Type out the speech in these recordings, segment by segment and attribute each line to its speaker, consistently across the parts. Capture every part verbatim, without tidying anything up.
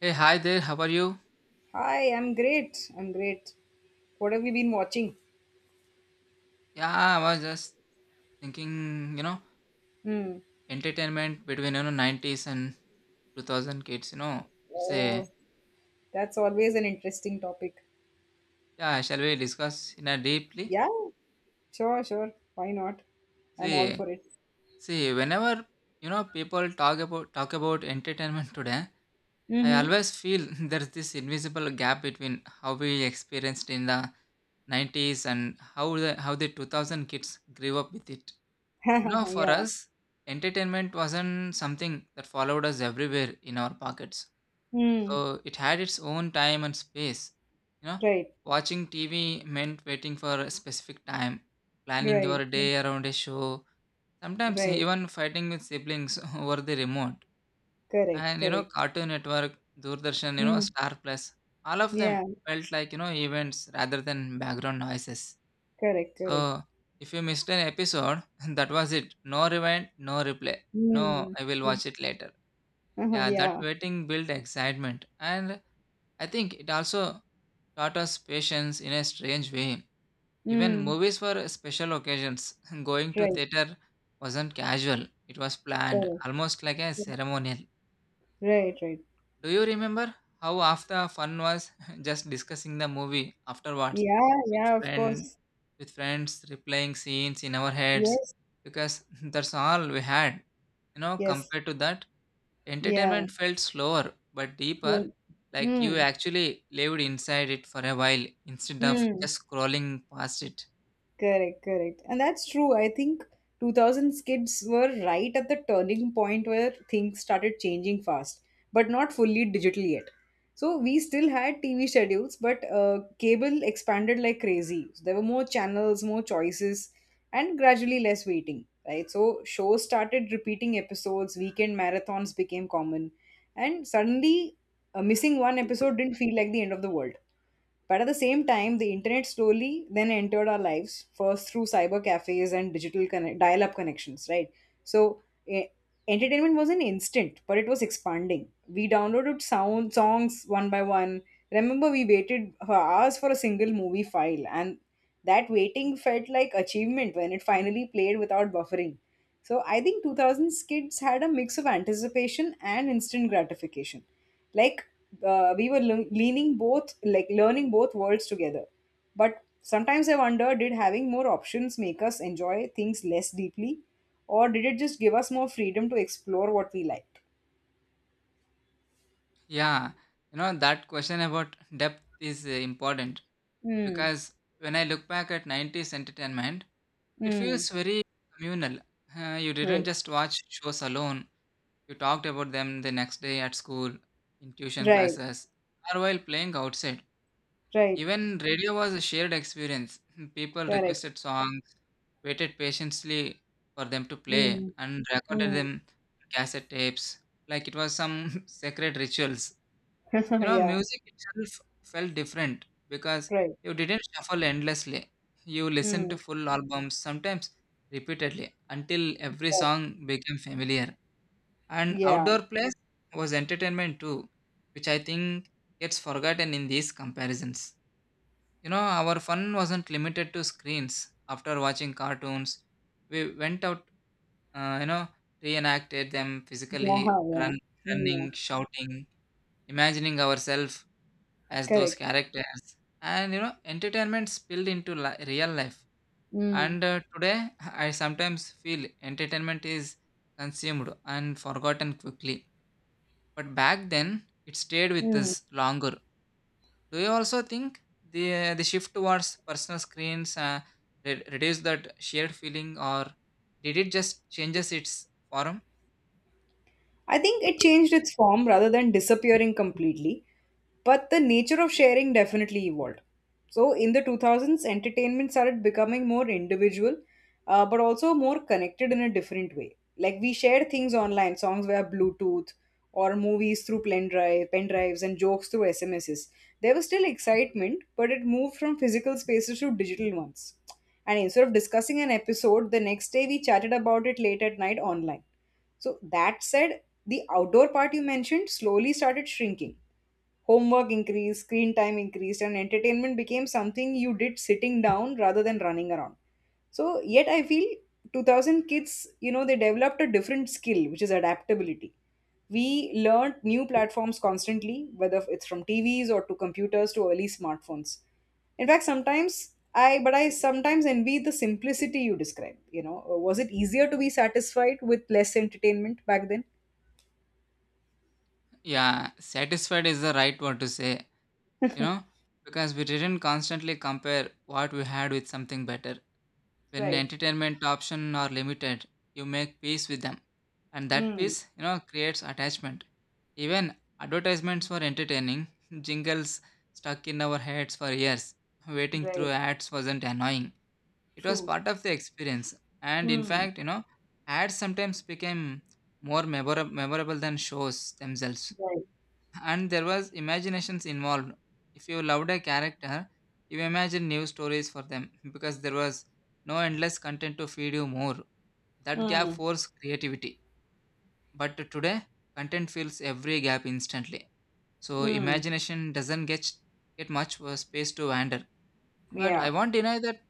Speaker 1: Hey, hi there. How are you?
Speaker 2: Hi, I'm great. I'm great. What have you been watching?
Speaker 1: Yeah, I was just thinking, you know,
Speaker 2: Hmm.
Speaker 1: entertainment between, you know, nineties and two thousand kids, you know, it's a,
Speaker 2: Oh, that's always an interesting topic.
Speaker 1: yeah, shall we discuss in a deeply?
Speaker 2: Yeah, sure, sure. Why not? I'm all
Speaker 1: See,
Speaker 2: for it.
Speaker 1: see, whenever, you know, people talk about, talk about entertainment today, I
Speaker 2: Mm-hmm.
Speaker 1: always feel there's this invisible gap between how we experienced in the nineties and how the, how the two thousand kids grew up with it. You know, for
Speaker 2: yeah.
Speaker 1: us, entertainment wasn't something that followed us everywhere in our pockets.
Speaker 2: Hmm.
Speaker 1: So it had its own time and space. You know,
Speaker 2: Right.
Speaker 1: watching T V meant waiting for a specific time, planning
Speaker 2: Right.
Speaker 1: your day around a show, sometimes
Speaker 2: Right.
Speaker 1: even fighting with siblings over the remote.
Speaker 2: Correct.
Speaker 1: And you know,
Speaker 2: Correct.
Speaker 1: Cartoon Network, Doordarshan, you know,
Speaker 2: Hmm.
Speaker 1: Star Plus, all of them
Speaker 2: Yeah.
Speaker 1: felt like, you know, events rather than background noises.
Speaker 2: Correct. Correct.
Speaker 1: So if you missed an episode, that was it. No rewind, no replay. No,
Speaker 2: Hmm.
Speaker 1: I will watch it later.
Speaker 2: Uh-huh,
Speaker 1: Yeah, that
Speaker 2: yeah.
Speaker 1: waiting built excitement. And I think it also taught us patience in a strange way. Even
Speaker 2: Hmm.
Speaker 1: movies were special occasions. Going to
Speaker 2: Right.
Speaker 1: theater wasn't casual, it was planned,
Speaker 2: Correct.
Speaker 1: almost like a ceremonial.
Speaker 2: Right. Right.
Speaker 1: Do you remember how after fun was just discussing the movie afterwards
Speaker 2: Yeah.
Speaker 1: with
Speaker 2: Yeah. Of
Speaker 1: friend
Speaker 2: course.
Speaker 1: with friends replaying scenes in our heads
Speaker 2: Yes.
Speaker 1: because that's all we had. You know,
Speaker 2: Yes.
Speaker 1: compared to that,
Speaker 2: Yeah.
Speaker 1: entertainment felt slower but deeper,
Speaker 2: Right.
Speaker 1: like you
Speaker 2: Mm,
Speaker 1: actually lived inside it for a while instead of
Speaker 2: mm,
Speaker 1: just scrolling past it.
Speaker 2: correct, correct. And that's true. I think two thousands kids were right at the turning point where things started changing fast, but not fully digital yet. So we still had T V schedules, but uh, cable expanded like crazy. There were more channels, more choices, and gradually less waiting, right? So shows started repeating episodes, weekend marathons became common, and suddenly uh, missing one episode didn't feel like the end of the world. But at the same time, the internet slowly then entered our lives, first through cyber cafes and digital connect- dial up connections, right? So, e- entertainment wasn't instant, but it was expanding. We downloaded sound songs one by one. Remember, we waited for hours for a single movie file, and that waiting felt like achievement when it finally played without buffering. So, I think two thousands kids had a mix of anticipation and instant gratification, like uh, we were lear- leaning both, like learning both worlds together. But sometimes I wonder, did having more options make us enjoy things less deeply, or did it just give us more freedom to explore what we liked?
Speaker 1: Yeah, you know, that question about depth is uh, important
Speaker 2: Mm,
Speaker 1: because when I look back at nineties entertainment, it
Speaker 2: mm,
Speaker 1: feels very communal. Uh, you didn't
Speaker 2: right.
Speaker 1: just watch shows alone, you talked about them the next day at school, in tuition
Speaker 2: Right.
Speaker 1: classes, or while playing outside.
Speaker 2: Right.
Speaker 1: Even radio was a shared experience. People
Speaker 2: Correct.
Speaker 1: requested songs, waited patiently for them to play,
Speaker 2: Mm,
Speaker 1: and recorded
Speaker 2: mm.
Speaker 1: them on cassette tapes like it was some sacred rituals. You know,
Speaker 2: yeah.
Speaker 1: music itself felt different because
Speaker 2: Right.
Speaker 1: you didn't shuffle endlessly. You listened to
Speaker 2: Mm,
Speaker 1: full albums, sometimes repeatedly, until every
Speaker 2: right.
Speaker 1: song became familiar. And
Speaker 2: Yeah,
Speaker 1: outdoor plays was entertainment too, which I think gets forgotten in these comparisons. You know, our fun wasn't limited to screens. After watching cartoons, we went out, uh, you know, reenacted them
Speaker 2: yeah,
Speaker 1: physically,
Speaker 2: yeah,
Speaker 1: run,
Speaker 2: yeah.
Speaker 1: running, shouting, imagining ourselves as those
Speaker 2: Correct.
Speaker 1: characters. And, you know, entertainment spilled into li- real life.
Speaker 2: Mm,
Speaker 1: And uh, today, I sometimes feel entertainment is consumed and forgotten quickly. But back then, it stayed with
Speaker 2: mm.
Speaker 1: us longer. Do you also think the the shift towards personal screens uh, re- reduced that shared feeling, or did it just changes its form?
Speaker 2: I think it changed its form rather than disappearing completely. But the nature of sharing definitely evolved. So, in the two thousands, entertainment started becoming more individual, uh, but also more connected in a different way. Like we shared things online, songs via Bluetooth, or movies through pen drive, pen drives, and jokes through S M Ses. There was still excitement, but it moved from physical spaces to digital ones. And instead of discussing an episode the next day, we chatted about it late at night online. So that said, the outdoor part you mentioned slowly started shrinking. Homework increased, screen time increased, and entertainment became something you did sitting down rather than running around. So, yet I feel two thousand kids, you know, they developed a different skill, which is adaptability. We learned new platforms constantly, whether it's from T Vs or to computers to early smartphones. In fact, sometimes I, but I sometimes envy the simplicity you describe. You know, Uh, was it easier to be satisfied with less entertainment back then?
Speaker 1: Yeah, satisfied is the right word to say. You know, because we didn't constantly compare what we had with something better. When
Speaker 2: Right.
Speaker 1: entertainment options are limited, you make peace with them, and that
Speaker 2: Mm,
Speaker 1: peace, you know, creates attachment. Even advertisements were entertaining. Jingles stuck in our heads for years. Waiting through
Speaker 2: right.
Speaker 1: ads wasn't annoying, it was
Speaker 2: True.
Speaker 1: part of the experience. And in
Speaker 2: Mm,
Speaker 1: fact, you know, ads sometimes became more memora- memorable than shows themselves.
Speaker 2: right.
Speaker 1: And there was imaginations involved. If you loved a character, you imagined new stories for them because there was no endless content to feed you more. That gap
Speaker 2: Mm,
Speaker 1: forced creativity, but today content fills every gap instantly, so
Speaker 2: mm,
Speaker 1: imagination doesn't get get much uh, space to wander. But I
Speaker 2: yeah,
Speaker 1: won't deny that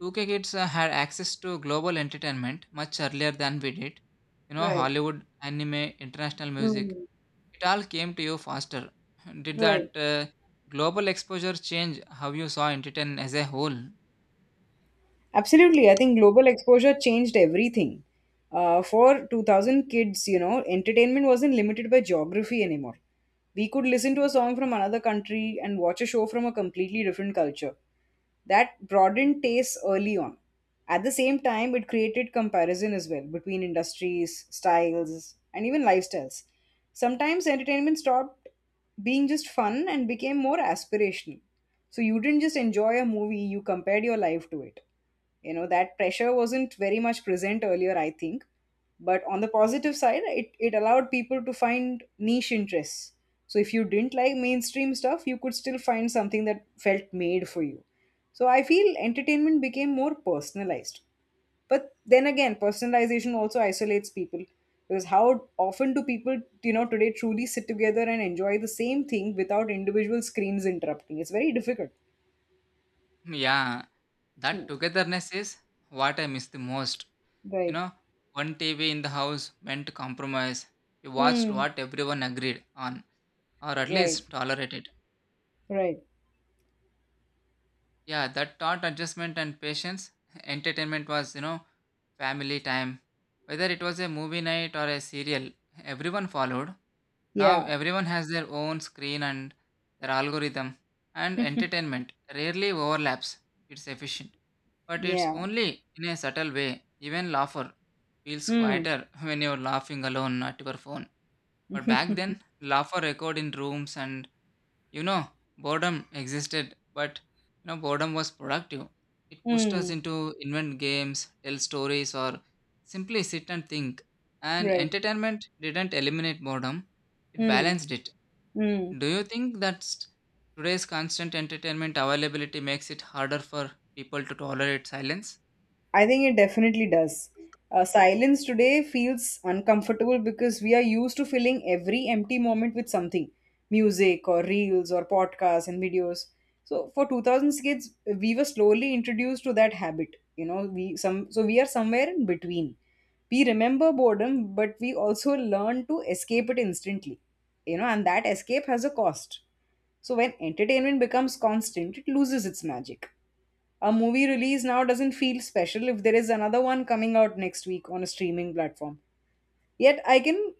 Speaker 1: two k kids uh, had access to global entertainment much earlier than we did. You know,
Speaker 2: right.
Speaker 1: Hollywood, anime, international music,
Speaker 2: Mm,
Speaker 1: it all came to you faster. Did
Speaker 2: right.
Speaker 1: that uh, global exposure change how you saw entertainment as a whole?
Speaker 2: Absolutely. I think global exposure changed everything. Uh, for two thousand kids, you know, entertainment wasn't limited by geography anymore. We could listen to a song from another country and watch a show from a completely different culture. That broadened tastes early on. At the same time, it created comparison as well between industries, styles, and even lifestyles. Sometimes entertainment stopped being just fun and became more aspirational. So you didn't just enjoy a movie, you compared your life to it. You know, that pressure wasn't very much present earlier, I think. But on the positive side, it, it allowed people to find niche interests. So if you didn't like mainstream stuff, you could still find something that felt made for you. So I feel entertainment became more personalized, but then again, personalization also isolates people. Because how often do people, you know, today truly sit together and enjoy the same thing without individual screens interrupting? It's very difficult.
Speaker 1: Yeah, that
Speaker 2: Mm.
Speaker 1: togetherness is what I miss the most. You
Speaker 2: Right.
Speaker 1: know, one T V in the house meant compromise. You watched
Speaker 2: Mm.
Speaker 1: what everyone agreed on, or at
Speaker 2: Right.
Speaker 1: least tolerated.
Speaker 2: Right.
Speaker 1: Yeah, that taught adjustment and patience. Entertainment was, you know, family time. Whether it was a movie night or a serial, everyone followed. Now
Speaker 2: Yeah,
Speaker 1: everyone has their own screen and their algorithm, and entertainment rarely overlaps. It's efficient, but it's
Speaker 2: yeah.
Speaker 1: only in a subtle way. Even laughter feels
Speaker 2: Mm.
Speaker 1: quieter when you're laughing alone at your phone. But back then, laughter echoed in rooms, and you know, boredom existed, but you know, boredom was productive. It pushed us
Speaker 2: Mm.
Speaker 1: into invent games, tell stories, or simply sit and think. And
Speaker 2: Right.
Speaker 1: entertainment didn't eliminate boredom, it
Speaker 2: Mm.
Speaker 1: balanced it.
Speaker 2: Mm.
Speaker 1: Do you think that s- today's constant entertainment availability makes it harder for people to tolerate silence?
Speaker 2: I think it definitely does. Uh, silence today feels uncomfortable because we are used to filling every empty moment with something, music or reels or podcasts and videos. So for two thousands kids, we were slowly introduced to that habit. You know, we some so we are somewhere in between. We remember boredom, but we also learn to escape it instantly. You know, and that escape has a cost. So when entertainment becomes constant, it loses its magic. A movie release now doesn't feel special if there is another one coming out next week on a streaming platform. Yet I can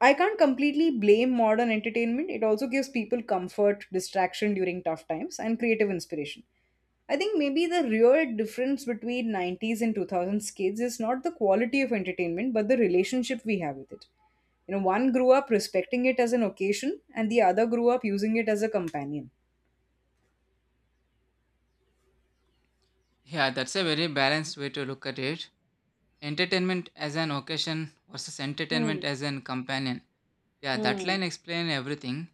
Speaker 2: I can't completely blame modern entertainment. It also gives people comfort, distraction during tough times, and creative inspiration. I think maybe the real difference between nineties and two thousands kids is not the quality of entertainment but the relationship we have with it. You know, one grew up respecting it as an occasion and the other grew up using it as a companion.
Speaker 1: Yeah, that's a very balanced way to look at it. Entertainment as an occasion versus
Speaker 2: Hmm.
Speaker 1: entertainment as an companion. Yeah, that
Speaker 2: Hmm.
Speaker 1: line explains everything.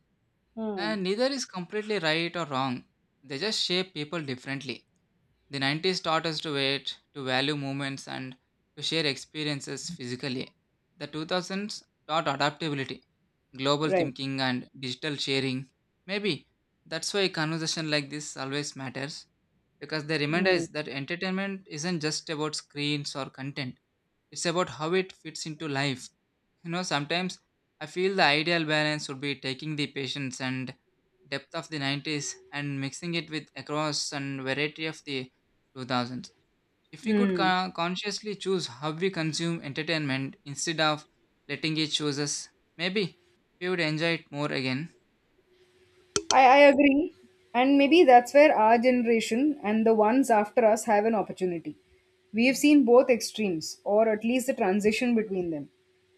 Speaker 2: Hmm.
Speaker 1: And neither is completely right or wrong. They just shape people differently. The nineties taught us to wait, to value moments, and to share experiences physically. The two thousands taught adaptability, global
Speaker 2: Right.
Speaker 1: thinking, and digital sharing. Maybe that's why conversation like this always matters, because they remind
Speaker 2: Hmm.
Speaker 1: us that entertainment isn't just about screens or content, it's about how it fits into life. You know, sometimes I feel the ideal balance would be taking the patience and depth of the nineties and mixing it with across and variety of the two thousands. If we could
Speaker 2: Mm.
Speaker 1: co- consciously choose how we consume entertainment instead of letting it choose us, maybe we would enjoy it more again.
Speaker 2: I, I agree. And maybe that's where our generation and the ones after us have an opportunity. We have seen both extremes, or at least the transition between them.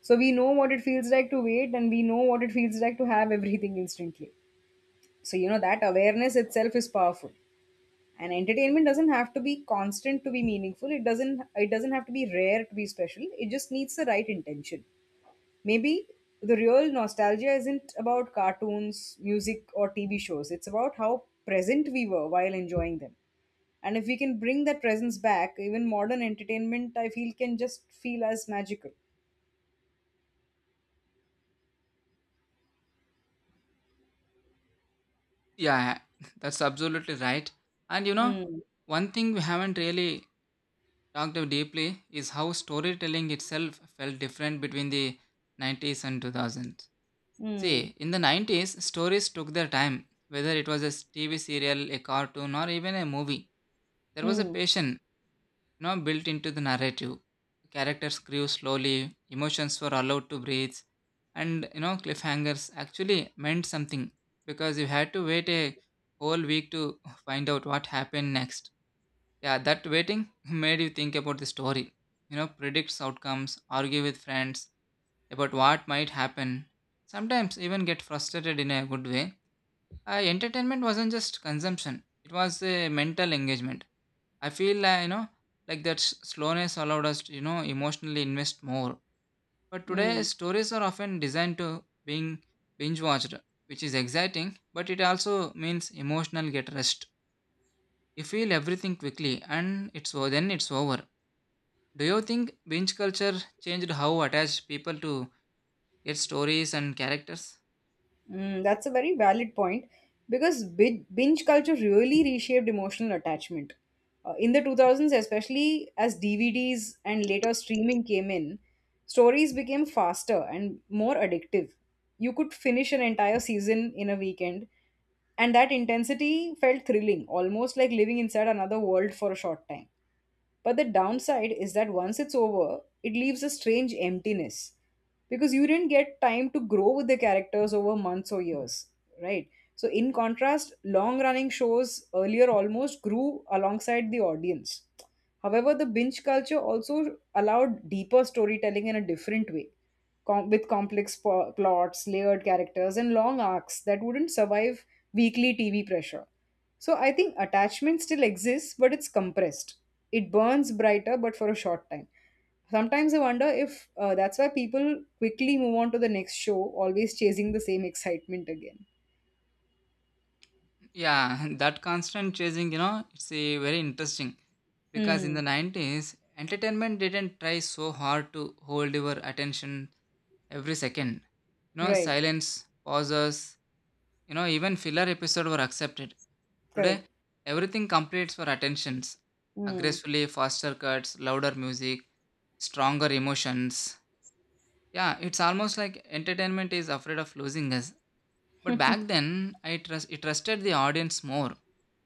Speaker 2: So we know what it feels like to wait, and we know what it feels like to have everything instantly. So, you know, that awareness itself is powerful. And entertainment doesn't have to be constant to be meaningful. It doesn't it doesn't have to be rare to be special. It just needs the right intention. Maybe the real nostalgia isn't about cartoons, music, or T V shows. It's about how present we were while enjoying them. And if we can bring that presence back, even modern entertainment, I feel, can just feel as magical.
Speaker 1: Yeah, that's absolutely right. And you know,
Speaker 2: Mm,
Speaker 1: one thing we haven't really talked of deeply is how storytelling itself felt different between the nineties and two thousands.
Speaker 2: mm,
Speaker 1: See, in the nineties, stories took their time, whether it was a T V serial, a cartoon, or even a movie. There was a
Speaker 2: mm,
Speaker 1: passion, you know, built into the narrative. Characters grew slowly, emotions were allowed to breathe, and you know, cliffhangers actually meant something because you had to wait a whole week to find out what happened next. Yeah, that waiting made you think about the story, you know, predict outcomes, argue with friends about what might happen, sometimes even get frustrated in a good way. Uh, entertainment wasn't just consumption, it was a mental engagement. I feel, uh, you know, like that s- slowness allowed us to, you know, emotionally invest more. But today,
Speaker 2: mm.
Speaker 1: stories are often designed to being binge watched, which is exciting, but it also means emotional get rest. You feel everything quickly and it's o- then it's over. Do you think binge culture changed how attached people to their stories and characters?
Speaker 2: Mm, that's a very valid point, because bi- binge culture really reshaped emotional attachment. Uh, in the two thousands, especially as D V Ds and later streaming came in, stories became faster and more addictive. You could finish an entire season in a weekend, and that intensity felt thrilling, almost like living inside another world for a short time. But the downside is that once it's over, it leaves a strange emptiness, because you didn't get time to grow with the characters over months or years, right? So, in contrast, long running shows earlier almost grew alongside the audience. However, the binge culture also allowed deeper storytelling in a different way, com- with complex po- plots, layered characters, and long arcs that wouldn't survive weekly T V pressure. So I think attachment still exists, but it's compressed. It burns brighter, but for a short time. Sometimes I wonder if uh, that's why people quickly move on to the next show, always chasing the same excitement again.
Speaker 1: Yeah, that constant chasing, you know, it's a very interesting because in the
Speaker 2: Mm,
Speaker 1: nineties, entertainment didn't try so hard to hold your attention every second. You know,
Speaker 2: right,
Speaker 1: silence, pauses, you know, even filler episode were accepted. Today,
Speaker 2: correct.
Speaker 1: everything competes for attentions.
Speaker 2: Mm,
Speaker 1: Aggressively faster cuts, louder music, stronger emotions. Yeah, it's almost like entertainment is afraid of losing us. But back then, I trust it trusted the audience more.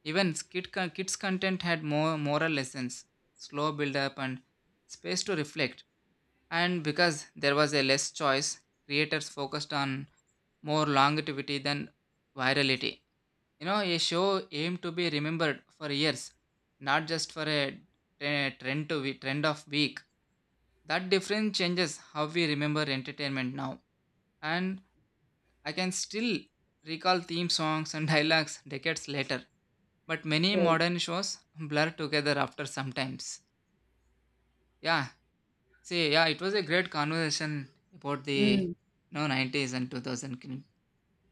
Speaker 1: Even skit con- kids' content had more moral lessons, slow build-up, and space to reflect. And because there was a less choice, creators focused on more longevity than virality. You know, a show aimed to be remembered for years, not just for a tre- trend to we- trend of week. That difference changes how we remember entertainment now. And I can still recall theme songs and dialogues decades later, but many
Speaker 2: right.
Speaker 1: modern shows blur together after sometimes. Yeah, see, yeah, it was a great conversation about the
Speaker 2: Mm,
Speaker 1: you know, nineties and two thousand film.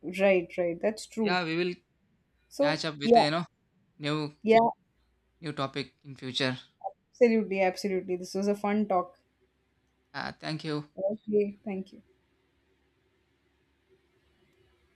Speaker 2: right, right. That's true.
Speaker 1: Yeah, we will
Speaker 2: So,
Speaker 1: catch up with a
Speaker 2: yeah,
Speaker 1: you know new
Speaker 2: yeah,
Speaker 1: new topic in future.
Speaker 2: absolutely, absolutely. This was a fun talk.
Speaker 1: Uh, thank you.
Speaker 2: Okay, thank you.